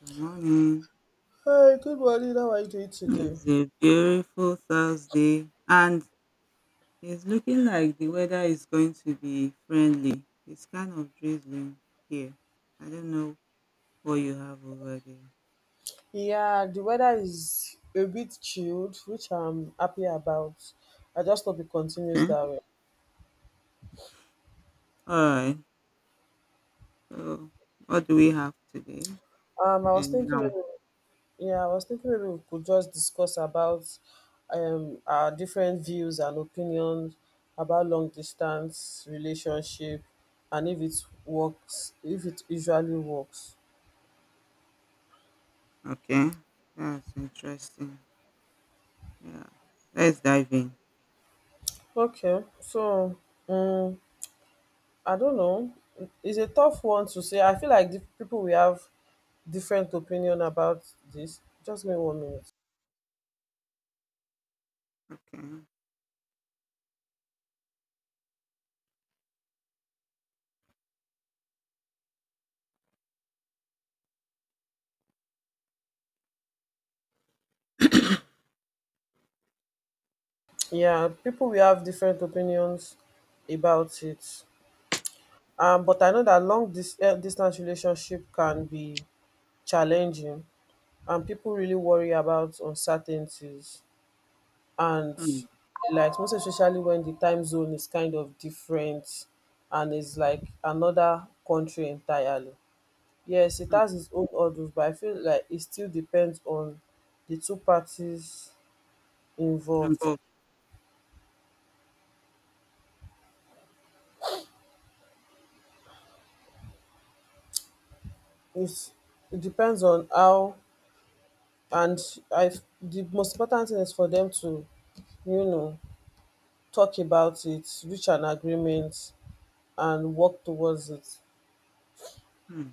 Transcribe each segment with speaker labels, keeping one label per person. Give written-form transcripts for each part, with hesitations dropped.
Speaker 1: Good morning.
Speaker 2: Hi, good morning. How are you doing today?
Speaker 1: It's a beautiful Thursday and it's looking like the weather is going to be friendly. It's kind of drizzling here. I don't know what you have over there.
Speaker 2: Yeah, the weather is a bit chilled, which I'm happy about. I just hope it continues
Speaker 1: Okay.
Speaker 2: that way.
Speaker 1: All right. So, what do we have today?
Speaker 2: I was
Speaker 1: And
Speaker 2: thinking
Speaker 1: now.
Speaker 2: maybe, yeah, I was thinking maybe we could just discuss about our different views and opinions about long distance relationship, and if it works, if it usually works.
Speaker 1: Okay. That's interesting. Yeah. Let's dive in.
Speaker 2: Okay, so um, I don't know. It's a tough one to say. I feel like the people we have different opinion about this. Just give me 1 minute.
Speaker 1: Okay.
Speaker 2: Yeah, people will have different opinions about it. But I know that distance relationship can be challenging, and people really worry about uncertainties, and
Speaker 1: Hmm.
Speaker 2: like, most especially when the time zone is kind of different and it's like another country entirely. Yes, it
Speaker 1: Hmm.
Speaker 2: has its own hurdles, but I feel like it still depends on the two parties involved.
Speaker 1: Involve.
Speaker 2: It's it depends on how, and I the most important thing is for them to, you know, talk about it, reach an agreement, and work towards it.
Speaker 1: Hmm.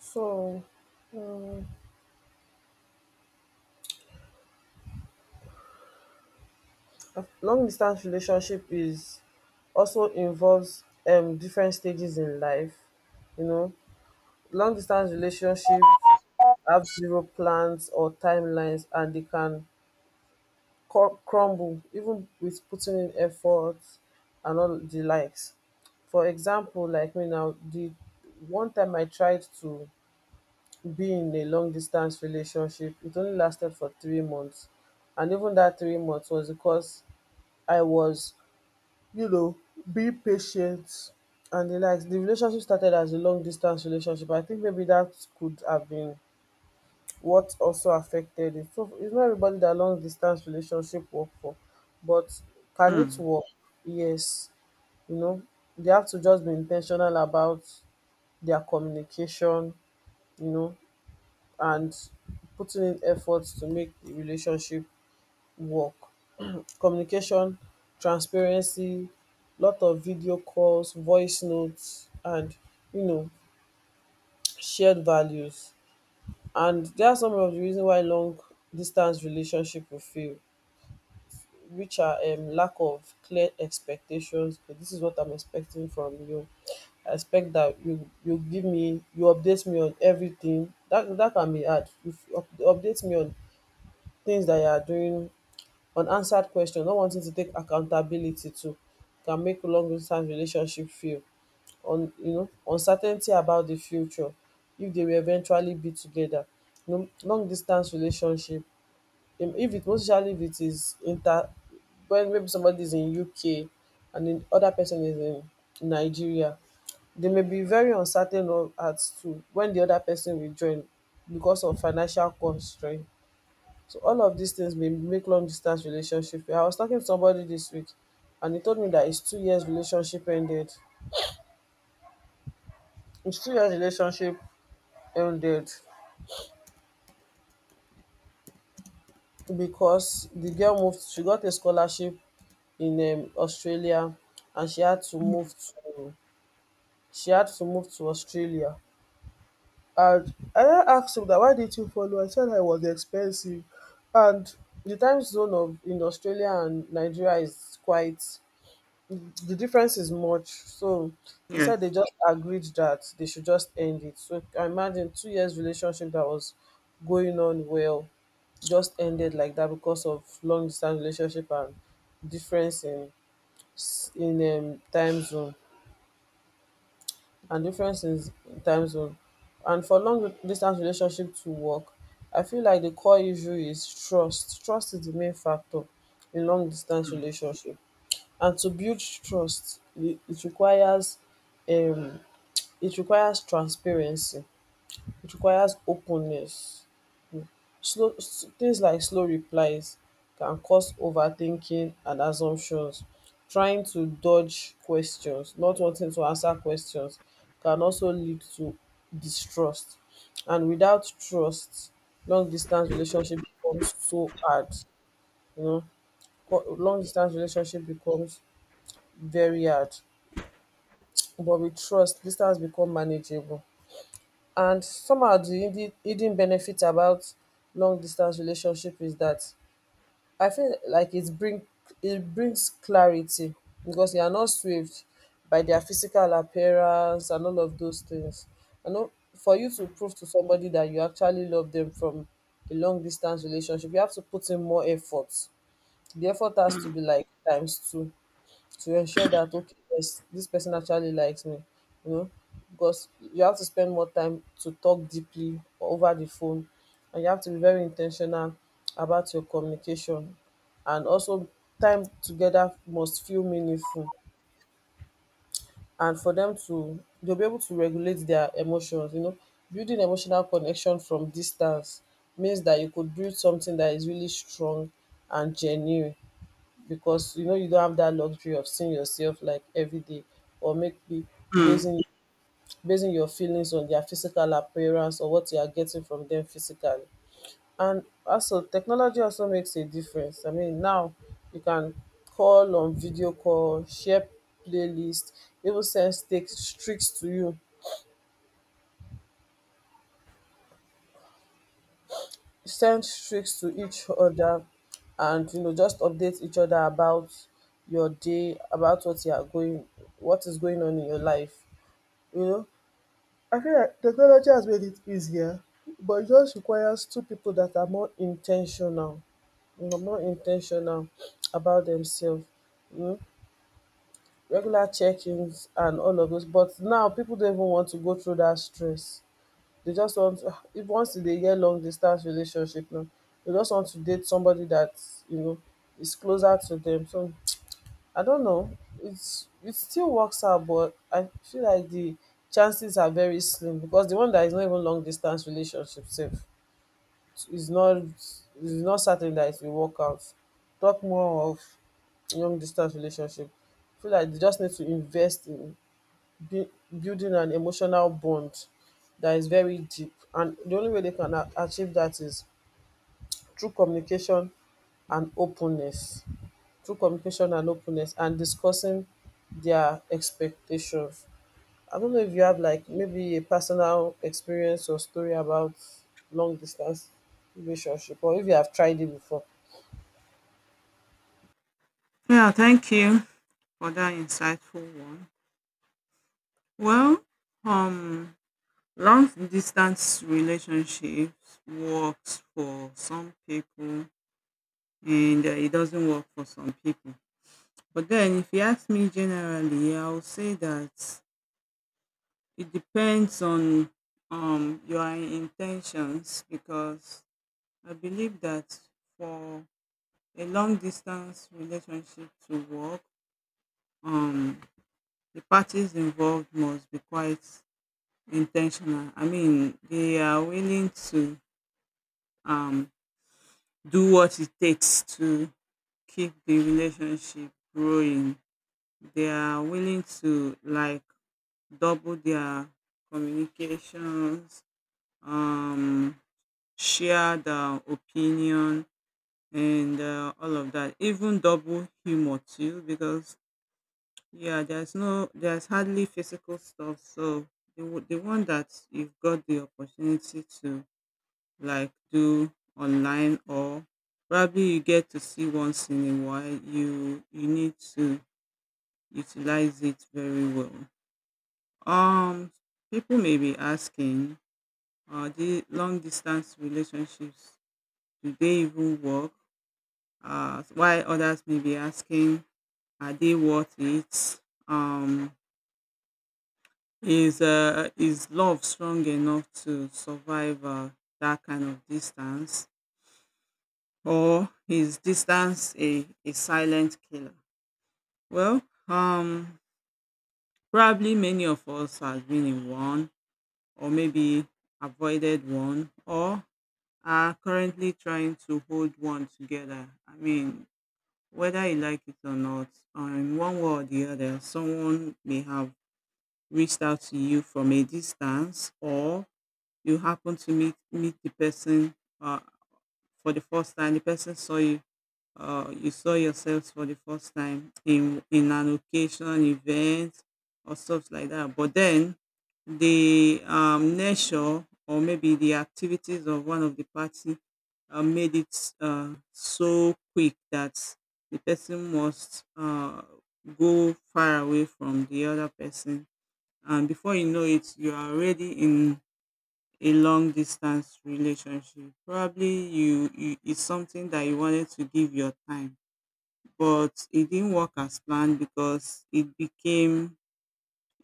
Speaker 2: So a long distance relationship is also involves different stages in life. You know, long distance relationship have zero plans or timelines, and they can crumble even with putting in effort and all the likes. For example, like me now, the one time I tried to be in a long distance relationship, it only lasted for 3 months, and even that 3 months was because I was, you know being patient and the likes. The relationship started as a long distance relationship. I think maybe that could have been what also affected it. So it's not everybody that long distance relationship work for, but can it
Speaker 1: Hmm.
Speaker 2: work? Yes. You know, they have to just be intentional about their communication, you know, and putting in efforts to make the relationship work. Communication, transparency, lot of video calls, voice notes, and, you know, shared values. And there are some of the reasons why long distance relationship will fail, which are lack of clear expectations. Okay, this is what I'm expecting from you. I expect that you give me, you update me on everything. That can be hard. If you update me on things that you are doing, unanswered question, not wanting to take accountability too, can make long distance relationship feel on, you know, uncertainty about the future if they will eventually be together. You know, long distance relationship, if it, most especially if it is inter, when maybe somebody is in UK and the other person is in Nigeria, they may be very uncertain of as to when the other person will join because of financial constraint. So all of these things may make long distance relationship. I was talking to somebody this week, and he told me that his 2 years relationship ended. His 2 years relationship ended because the girl moved, she got a scholarship in Australia, and she had to move
Speaker 1: Hmm.
Speaker 2: to, she had to move to Australia. And I asked him that why did you follow. I said I was expensive, and the time zone of in Australia and Nigeria is quite, the difference is much. So he said they
Speaker 1: Yes.
Speaker 2: just agreed that they should just end it. So I imagine 2 years relationship that was going on well just ended like that because of long distance relationship and difference in, time zone, and difference in time zone. And for long distance relationship to work, I feel like the core issue is trust. Trust is the main factor in long distance
Speaker 1: Hmm.
Speaker 2: relationship, and to build trust, it requires um it requires transparency, it requires openness. Things like slow replies can cause overthinking and assumptions. Trying to dodge questions, not wanting to answer questions, can also lead to distrust. And without trust, long distance relationship becomes so hard. You know, Long distance relationship becomes very hard, but with trust, distance become manageable. And somehow the hidden benefit about long distance relationship is that I feel like it brings clarity because you are not swayed by their physical appearance and all of those things. I know for you to prove to somebody that you actually love them from a long distance relationship, you have to put in more effort. The effort has to
Speaker 1: Hmm.
Speaker 2: be like times two to ensure that okay, yes, this person actually likes me, you know, because you have to spend more time to talk deeply over the phone, and you have to be very intentional about your communication, and also time together must feel meaningful, and for them to, they'll be able to regulate their emotions, you know, building emotional connection from distance means that you could build something that is really strong and genuine, because you know, you don't have that luxury of seeing yourself like every day, or maybe
Speaker 1: Hmm.
Speaker 2: basing basing your feelings on their physical appearance or what you are getting from them physically. And also technology also makes a difference. I mean, now you can call on video call, share playlist, even send stick streaks to you, send streaks to each other, and you know, just update each other about your day, about what is going on in your life. You know, I feel like technology has made it easier, but it just requires two people that are more intentional, you know, more intentional about themselves. You know, regular check-ins and all of those. But now people don't even want to go through that stress. They just want to, if once in a year long distance relationship now, they just want to date somebody that, you know, is closer to them. So I don't know. It still works out, but I feel like the chances are very slim because the one that is not even long distance relationship safe is not certain that it will work out. Talk more of long distance relationship. I feel like they just need to invest in bu- building an emotional bond that is very deep, and the only way they can achieve that is through communication and openness, through communication and openness, and discussing their expectations. I don't know if you have like maybe a personal experience or story about long distance relationship, or if you have tried it before.
Speaker 1: Yeah, thank you for that insightful one. Well, um, long distance relationships works for some people and it doesn't work for some people. But then, if you ask me generally, I will say that it depends on your intentions, because I believe that for a long distance relationship to work, um, the parties involved must be quite intentional. I mean, they are willing to um do what it takes to keep the relationship growing. They are willing to like double their communications, um, share their opinion and all of that. Even double humor too, because yeah, there's no, there's hardly physical stuff. So the one that you've got the opportunity to like do online, or probably you get to see once in a while, you need to utilize it very well. um People may be asking, the long distance relationships, do they even work? Why, others may be asking, are they worth it? um is, is love strong enough to survive that kind of distance, or is distance a silent killer? Well, um, probably many of us have been in one, or maybe avoided one, or are currently trying to hold one together. I mean, whether you like it or not, in one way or the other, someone may have reached out to you from a distance, or you happen to meet the person uh, for the first time. The person saw you, you saw yourselves for the first time in an occasion, event, or stuff like that. But then the nature or maybe the activities of one of the party made it so quick that the person must go far away from the other person, and before you know it, you are already in a long distance relationship. Probably you, you it's something that you wanted to give your time but it didn't work as planned because it became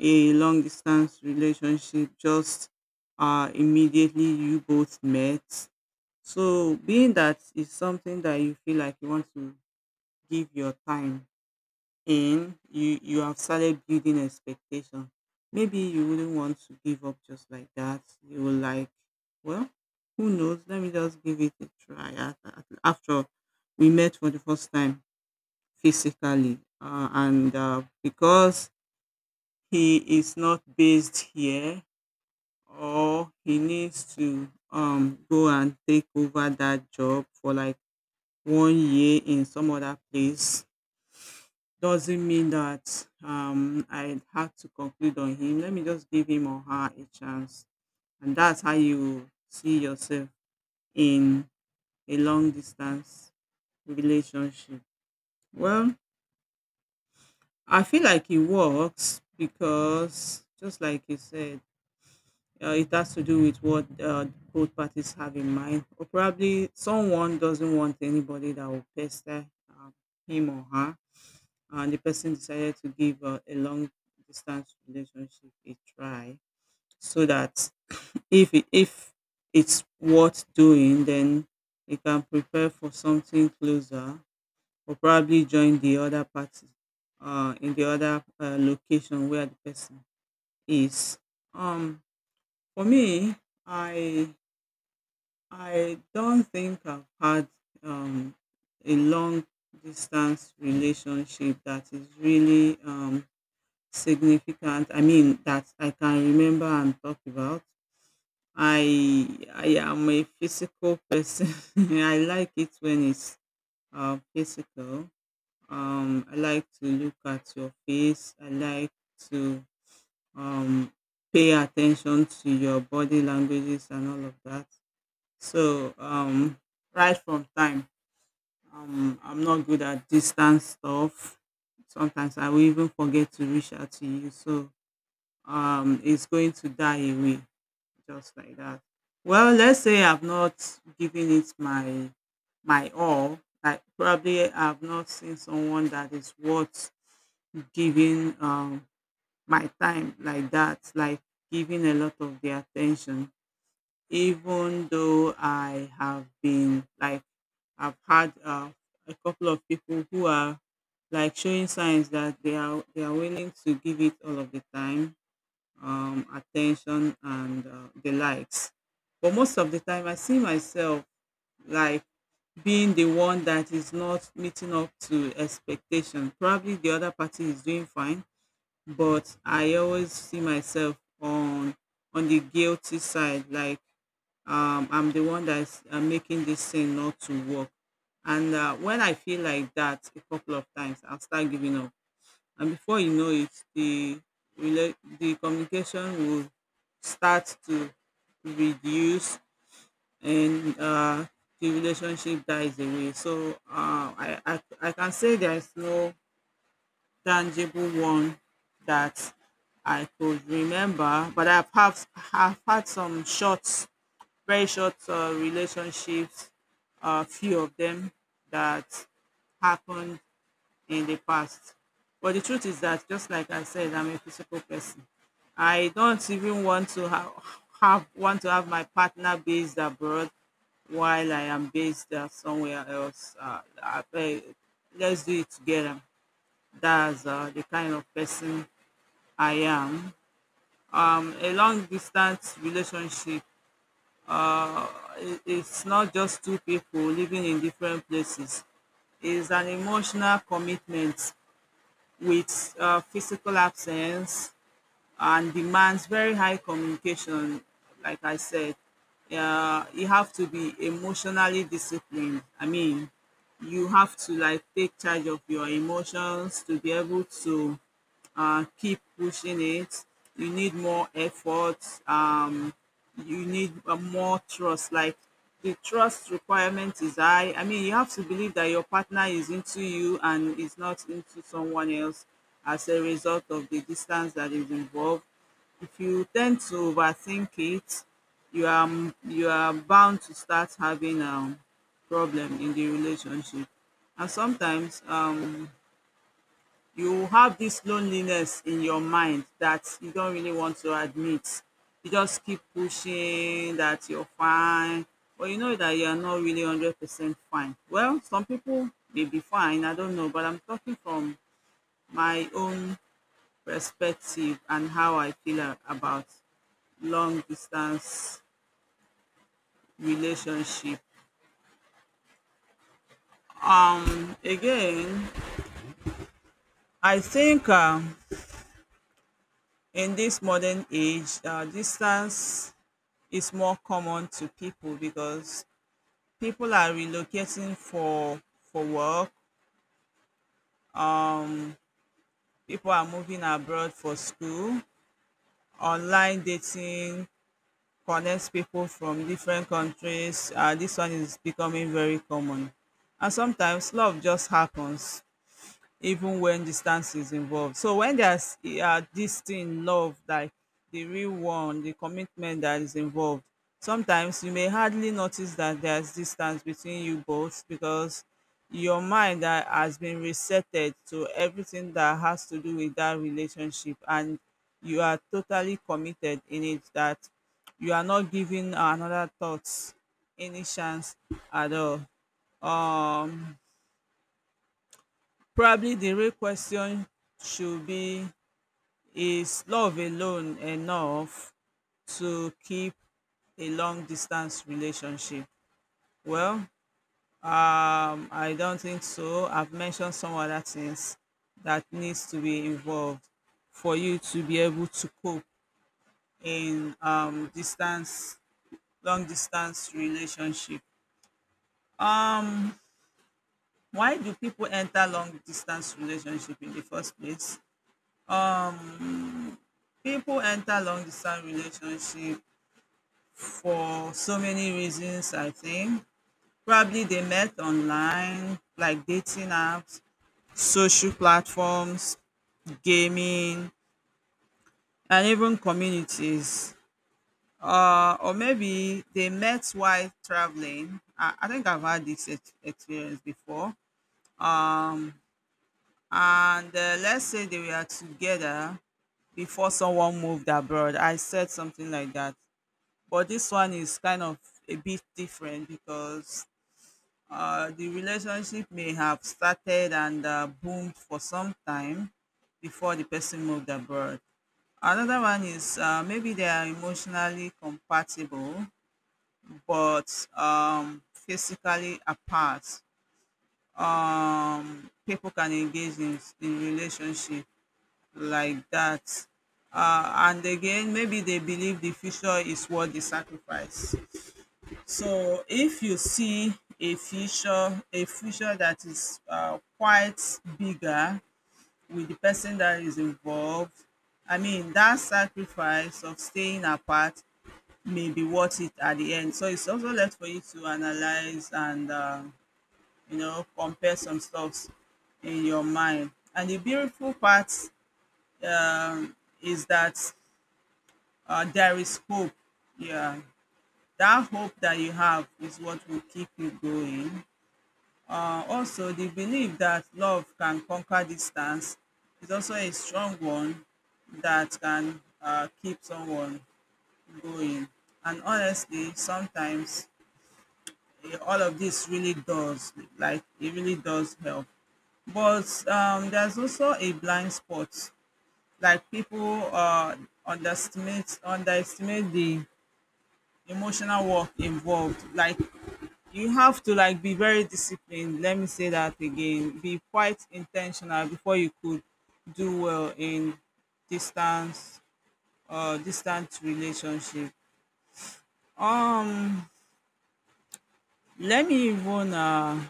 Speaker 1: a long distance relationship just immediately you both met. So being that is something that you feel like you want to give your time in, you have started building expectation, maybe you wouldn't want to give up just like that. You will like, well, who knows, let me just give it a try. After all, we met for the first time physically. And because he is not based here or he needs to go and take over that job for like 1 year in some other place doesn't mean that I had to conclude on him. Let me just give him or her a chance. And that's how you see yourself in a long distance relationship. Well, I feel like it works because, just like you said, it has to do with what both parties have in mind. Or probably someone doesn't want anybody that will pester him or her, and the person decided to give a long distance relationship a try, so that if it, if it's worth doing, then they can prepare for something closer or probably join the other party in the other location where the person is. Um, for me, I I don't think I've had um, a long distance relationship that is really significant. I mean, that I can remember and talk about. I am a physical person. I like it when it's physical. I like to look at your face. I like to um, pay attention to your body languages and all of that. So, right from time, I'm not good at distance stuff. Sometimes I will even forget to reach out to you. So, it's going to die away just like that. Well, let's say I've not given it my all. Like probably I've not seen someone that is worth giving my time like that, like giving a lot of the attention, even though I have been like I've had a couple of people who are like showing signs that they are willing to give it all of the time, attention and the likes. But most of the time, I see myself like being the one that is not meeting up to expectation. Probably the other party is doing fine, but I always see myself on the guilty side. Like I'm the one that's making this thing not to work. And when I feel like that a couple of times, I'll start giving up. And before you know it, the the communication will start to reduce, and the relationship dies away. So I can say there's no tangible one that I could remember, but I've have had some short, very short relationships, a few of them, that happened in the past. But the truth is that, just like I said, I'm a physical person. I don't even want to have my partner based abroad while I am based somewhere else. Let's do it together. That's the kind of person I am. A long distance relationship, it's not just two people living in different places, it's an emotional commitment with physical absence, and demands very high communication, like I said. You have to be emotionally disciplined. I mean, you have to like take charge of your emotions to be able to keep pushing it. You need more effort. You need more trust. Like, the trust requirement is high. I mean, you have to believe that your partner is into you and is not into someone else as a result of the distance that is involved. If you tend to overthink it, you are you are bound to start having problem in the relationship. And sometimes you have this loneliness in your mind that you don't really want to admit. You just keep pushing that you're fine, but you know that you're not really 100% fine. Well, some people may be fine, I don't know, but I'm talking from my own perspective and how I feel about long distance relationship. Again, I think in this modern age, distance is more common to people because people are relocating for work, people are moving abroad for school. Online dating connects people from different countries. This one is becoming very common. And sometimes love just happens, even when distance is involved. So when there's this thing, love, like the real one, the commitment that is involved, sometimes you may hardly notice that there's distance between you both, because your mind that has been resetted to everything that has to do with that relationship, and you are totally committed in it, that you are not giving another thoughts any chance at all. Um, Probably the real question should be, is love alone enough to keep a long distance relationship? Well, I don't think so. I've mentioned some other things that needs to be involved for you to be able to cope in distance, long distance relationship. Why do people enter long distance relationship in the first place? People enter long distance relationship for so many reasons, I think. Probably they met online, like dating apps, social platforms, gaming, and even communities. Or maybe they met while traveling. I think I've had this experience before. And let's say they were together before someone moved abroad. I said something like that. But this one is kind of a bit different because the relationship may have started and boomed for some time before the person moved abroad. Another one is maybe they are emotionally compatible but physically apart. People can engage in relationship like that. And again, maybe they believe the future is worth the sacrifice. So if you see a future that is quite bigger with the person that is involved, I mean that sacrifice of staying apart may be worth it at the end. So it's also left for you to analyze and you know, compare some stuffs in your mind. And the beautiful part, um, is that there is hope. Yeah, that hope that you have is what will keep you going. Also, the belief that love can conquer distance is also a strong one that can keep someone going. And honestly, sometimes all of this really does, like, it really does help. But there's also a blind spot, like people underestimate the emotional work involved, like you have to like be very disciplined. Let me say that again. Be quite intentional before you could do well in distance or distant relationship. Um, Let me even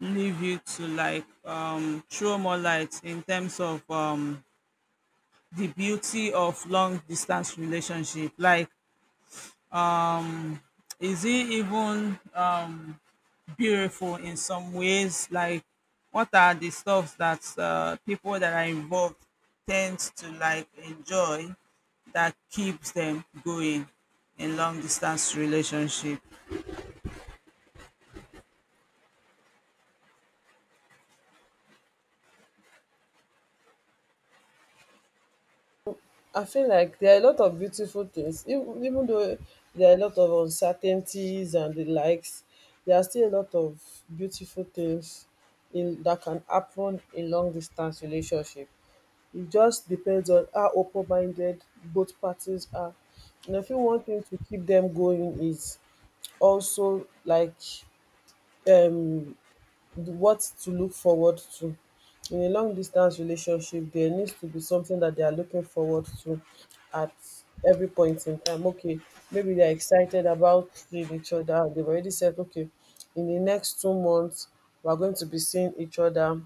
Speaker 1: leave you to like throw more light in terms of the beauty of long distance relationship. Like, is it even beautiful in some ways. Like, what are the stuff that people that are involved tend to like enjoy that keeps them going in long distance relationship?
Speaker 2: I feel like there are a lot of beautiful things. Ev- even though there are a lot of uncertainties and the likes, there are still a lot of beautiful things in that can happen in long distance relationship. It just depends on how open minded both parties are. And I think one thing to keep them going is also like, um what to look forward to. In a long distance relationship, there needs to be something that they are looking forward to at every point in time. Okay, maybe they're excited about seeing each other. They've already said, okay, in the next 2 months, we're going to be seeing each other,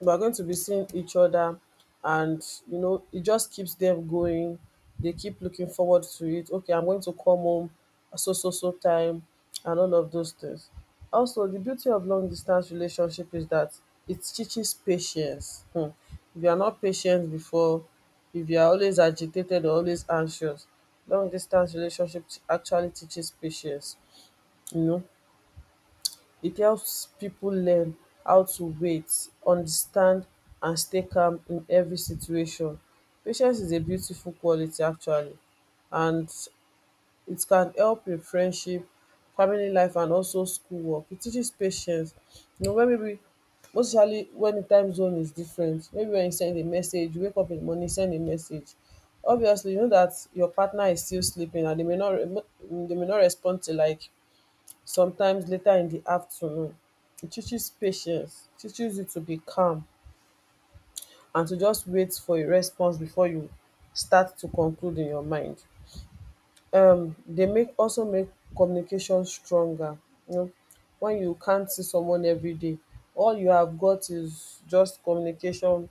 Speaker 2: we're going to be seeing each other, and you know, it just keeps them going. They keep looking forward to it. Okay, I'm going to come home at so so so time and all of those things. Also the beauty of long distance relationship is that it teaches patience. Hmm. If you are not patient before, if you are always agitated or always anxious, long distance relationship actually teaches patience. You know, it helps people learn how to wait, understand, and stay calm in every situation. Patience is a beautiful quality actually, and it can help in friendship, family life, and also schoolwork. It teaches patience, you know, wen maybe most especially wen di time zone is different, maybe when you send a message, you wake up in the morning, send a message, obviously you know that your partner is still sleeping, and they may not, they may not respond to like sometimes later in the afternoon. It teaches patience, teaches you to be calm and to just wait for a response before you start to conclude in your mind. They make, also make communication stronger. You know, when you can't see someone every day, all you have got is just communication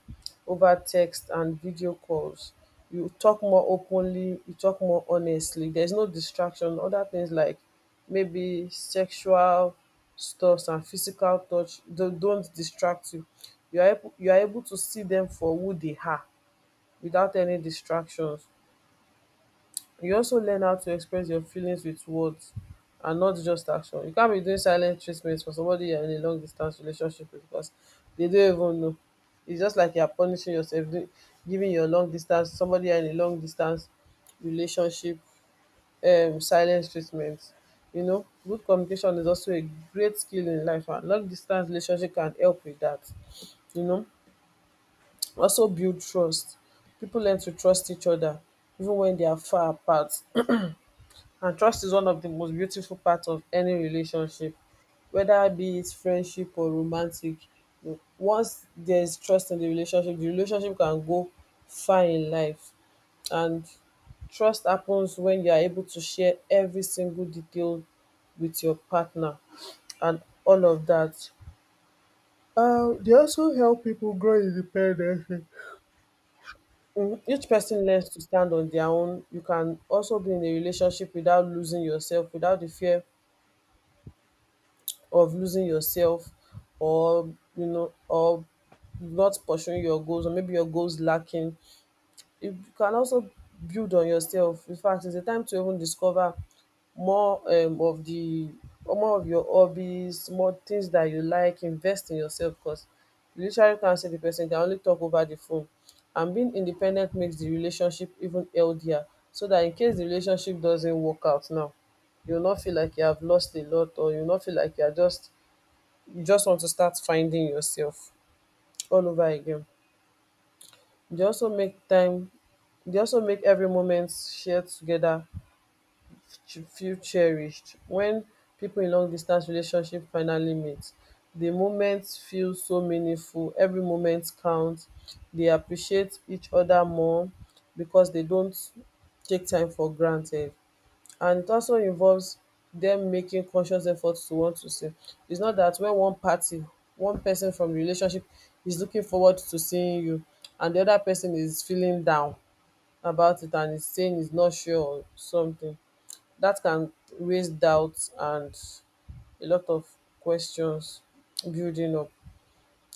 Speaker 2: over text and video calls. You talk more openly, you talk more honestly. There's no distraction. Other things like maybe sexual stuffs and physical touch don't distract you. You are able to see them for who they are without any distractions. You also learn how to express your feelings with words and not just action. You can't be doing silent treatment for somebody you're in a long distance relationship with because they don't even know. It's just like you're punishing yourself, giving your long distance, somebody you're in a long distance relationship silent treatment. You know, good communication is also a great skill in life, and long distance relationship can help with that. You know, also build trust. People learn to trust each other even when they are far apart, and trust is one of the most beautiful parts of any relationship, whether be it friendship or romantic. Once there is trust in the relationship, the relationship can go far in life, and trust happens when you are able to share every single detail with your partner and all of that. They also help people grow independently. Mm, each person learns to stand on their own. You can also be in a relationship without losing yourself, without the fear of losing yourself, or you know or not pursuing your goals, or maybe your goals lacking. You can also build on yourself. In fact, it's a time to even discover more of the or more of your hobbies, more things that you like. Invest in yourself because you literally can't see the person, can only talk over the phone. And being independent makes the relationship even healthier, so that in case the relationship doesn't work out now, you'll not feel like you have lost a lot, or you'll not feel like you just want to start finding yourself all over again. They also make every moment shared together feel cherished. When people in long distance relationship finally meet, the moments feel so meaningful. Every moment counts. They appreciate each other more because they don't take time for granted. And it also involves them making conscious efforts to want to save. It's not that when one person from the relationship is looking forward to seeing you, and the other person is feeling down about it and is saying he's not sure or something, that can raise doubts and a lot of questions building up.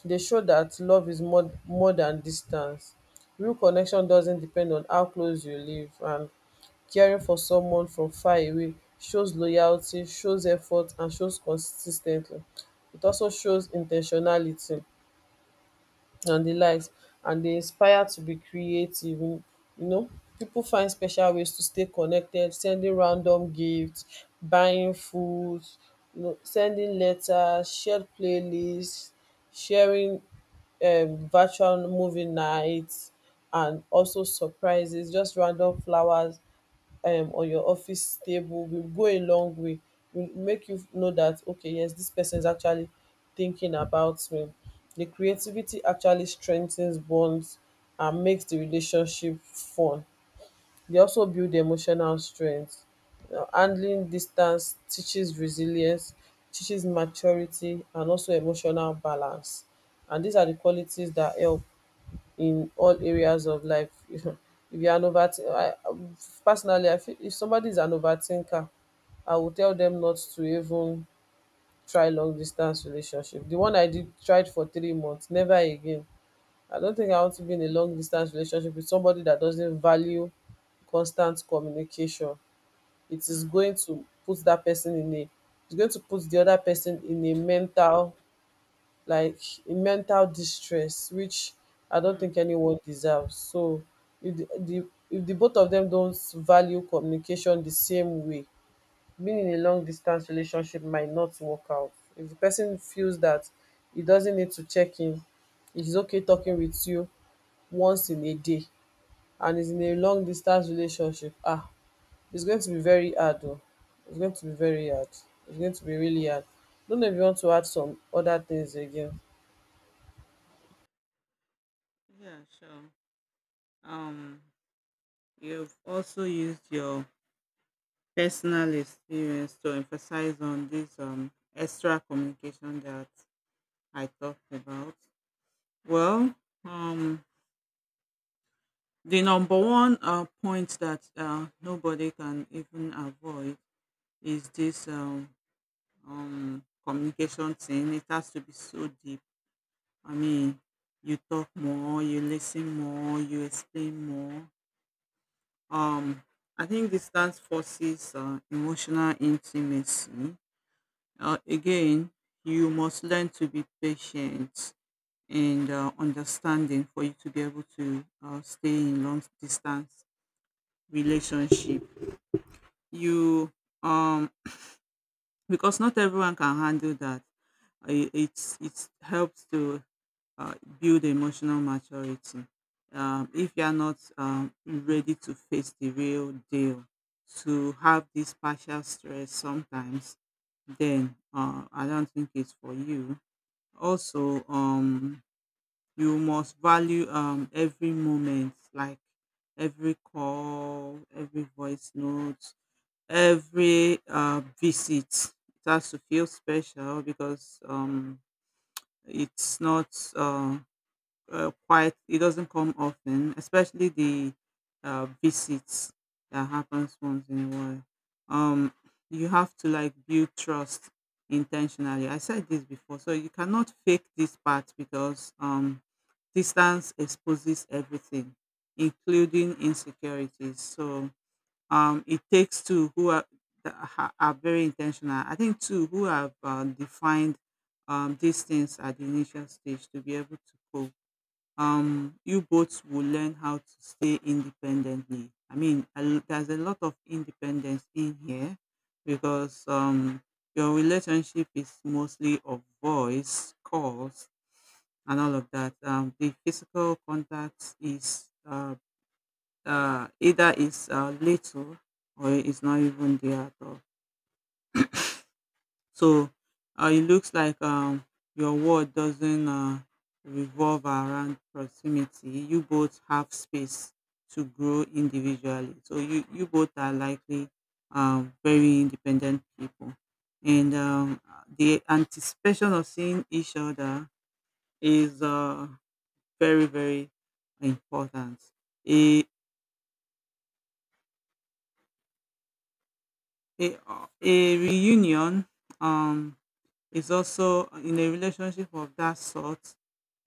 Speaker 2: They show that love is more than distance. Real connection doesn't depend on how close you live, and caring for someone from far away shows loyalty, shows effort, and shows consistently. It also shows intentionality and the likes. And they inspire to be creative, you know, people find special ways to stay connected: sending random gifts, buying food, you know, sending letters, shared playlists, sharing virtual movie nights, and also surprises. Just random flowers on your office table will go a long way, will make you know that okay, yes, this person is actually thinking about me. The creativity actually strengthens bonds and makes the relationship fun. They also build emotional strength. Handling distance teaches resilience, teaches maturity and also emotional balance, and these are the qualities that help in all areas of life. If you are an overthinker, personally, I feel if somebody is an overthinker, I will tell them not to even try long distance relationship. The one I did tried for 3 months, never again. I don't think I want to be in a long distance relationship with somebody that doesn't value constant communication. It is going to put that person in a it's going to put the other person in a mental like in mental distress, which I don't
Speaker 1: Hmm,
Speaker 2: think anyone deserves. So if the both of them don't value communication the same way, being in a long distance relationship might not work out. If the person feels that he doesn't need to check in, it's okay talking with you once in a day, and is in a long distance relationship, ah, it's going to be very hard though. It's going to be really hard. Don't know if you want to add some other things again.
Speaker 1: yeah, sure. Um, you've also used your personal experience to emphasize on this extra communication that I talked about. Well, um, the number one point that nobody can even avoid is this communication thing. It has to be so deep. I mean, you talk more, you listen more, you explain more. Um, I think this dance forces emotional intimacy. Again, you must learn to be patient and understanding for you to be able to stay in long distance relationship. You um because not everyone can handle that. It's helps to uh, build emotional maturity. If you are not ready to face the real deal, to have this partial stress sometimes, then I don't think it's for you. Also, you must value every moment, like every call, every voice note, every visit, it has to feel special, because it's not uh, quite it doesn't come often, especially the visits that happens once in a while. um, you have to like build trust intentionally. I said this before, so you cannot fake this part, because distance exposes everything including insecurities. So it takes two who are, are very intentional. I think two who have defined these things at the initial stage to be able to cope. You both will learn how to stay independently. I mean, there's a lot of independence in here because your relationship is mostly of voice, calls, and all of that. The physical contact is either it's little or it's not even there at all. So it looks like your world doesn't revolve around proximity. You both have space to grow individually. So you both are likely very independent people. And the anticipation of seeing each other is very, very important. It, a a reunion um is also in a relationship of that sort,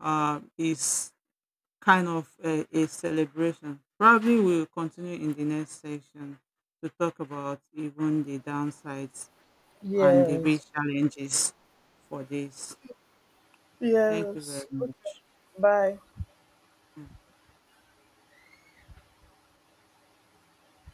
Speaker 1: is kind of a celebration. Probably we'll continue in the next section to talk about even the downsides and the real
Speaker 2: Yes.
Speaker 1: challenges for this. Thank you
Speaker 2: Yes.
Speaker 1: very much.
Speaker 2: Bye.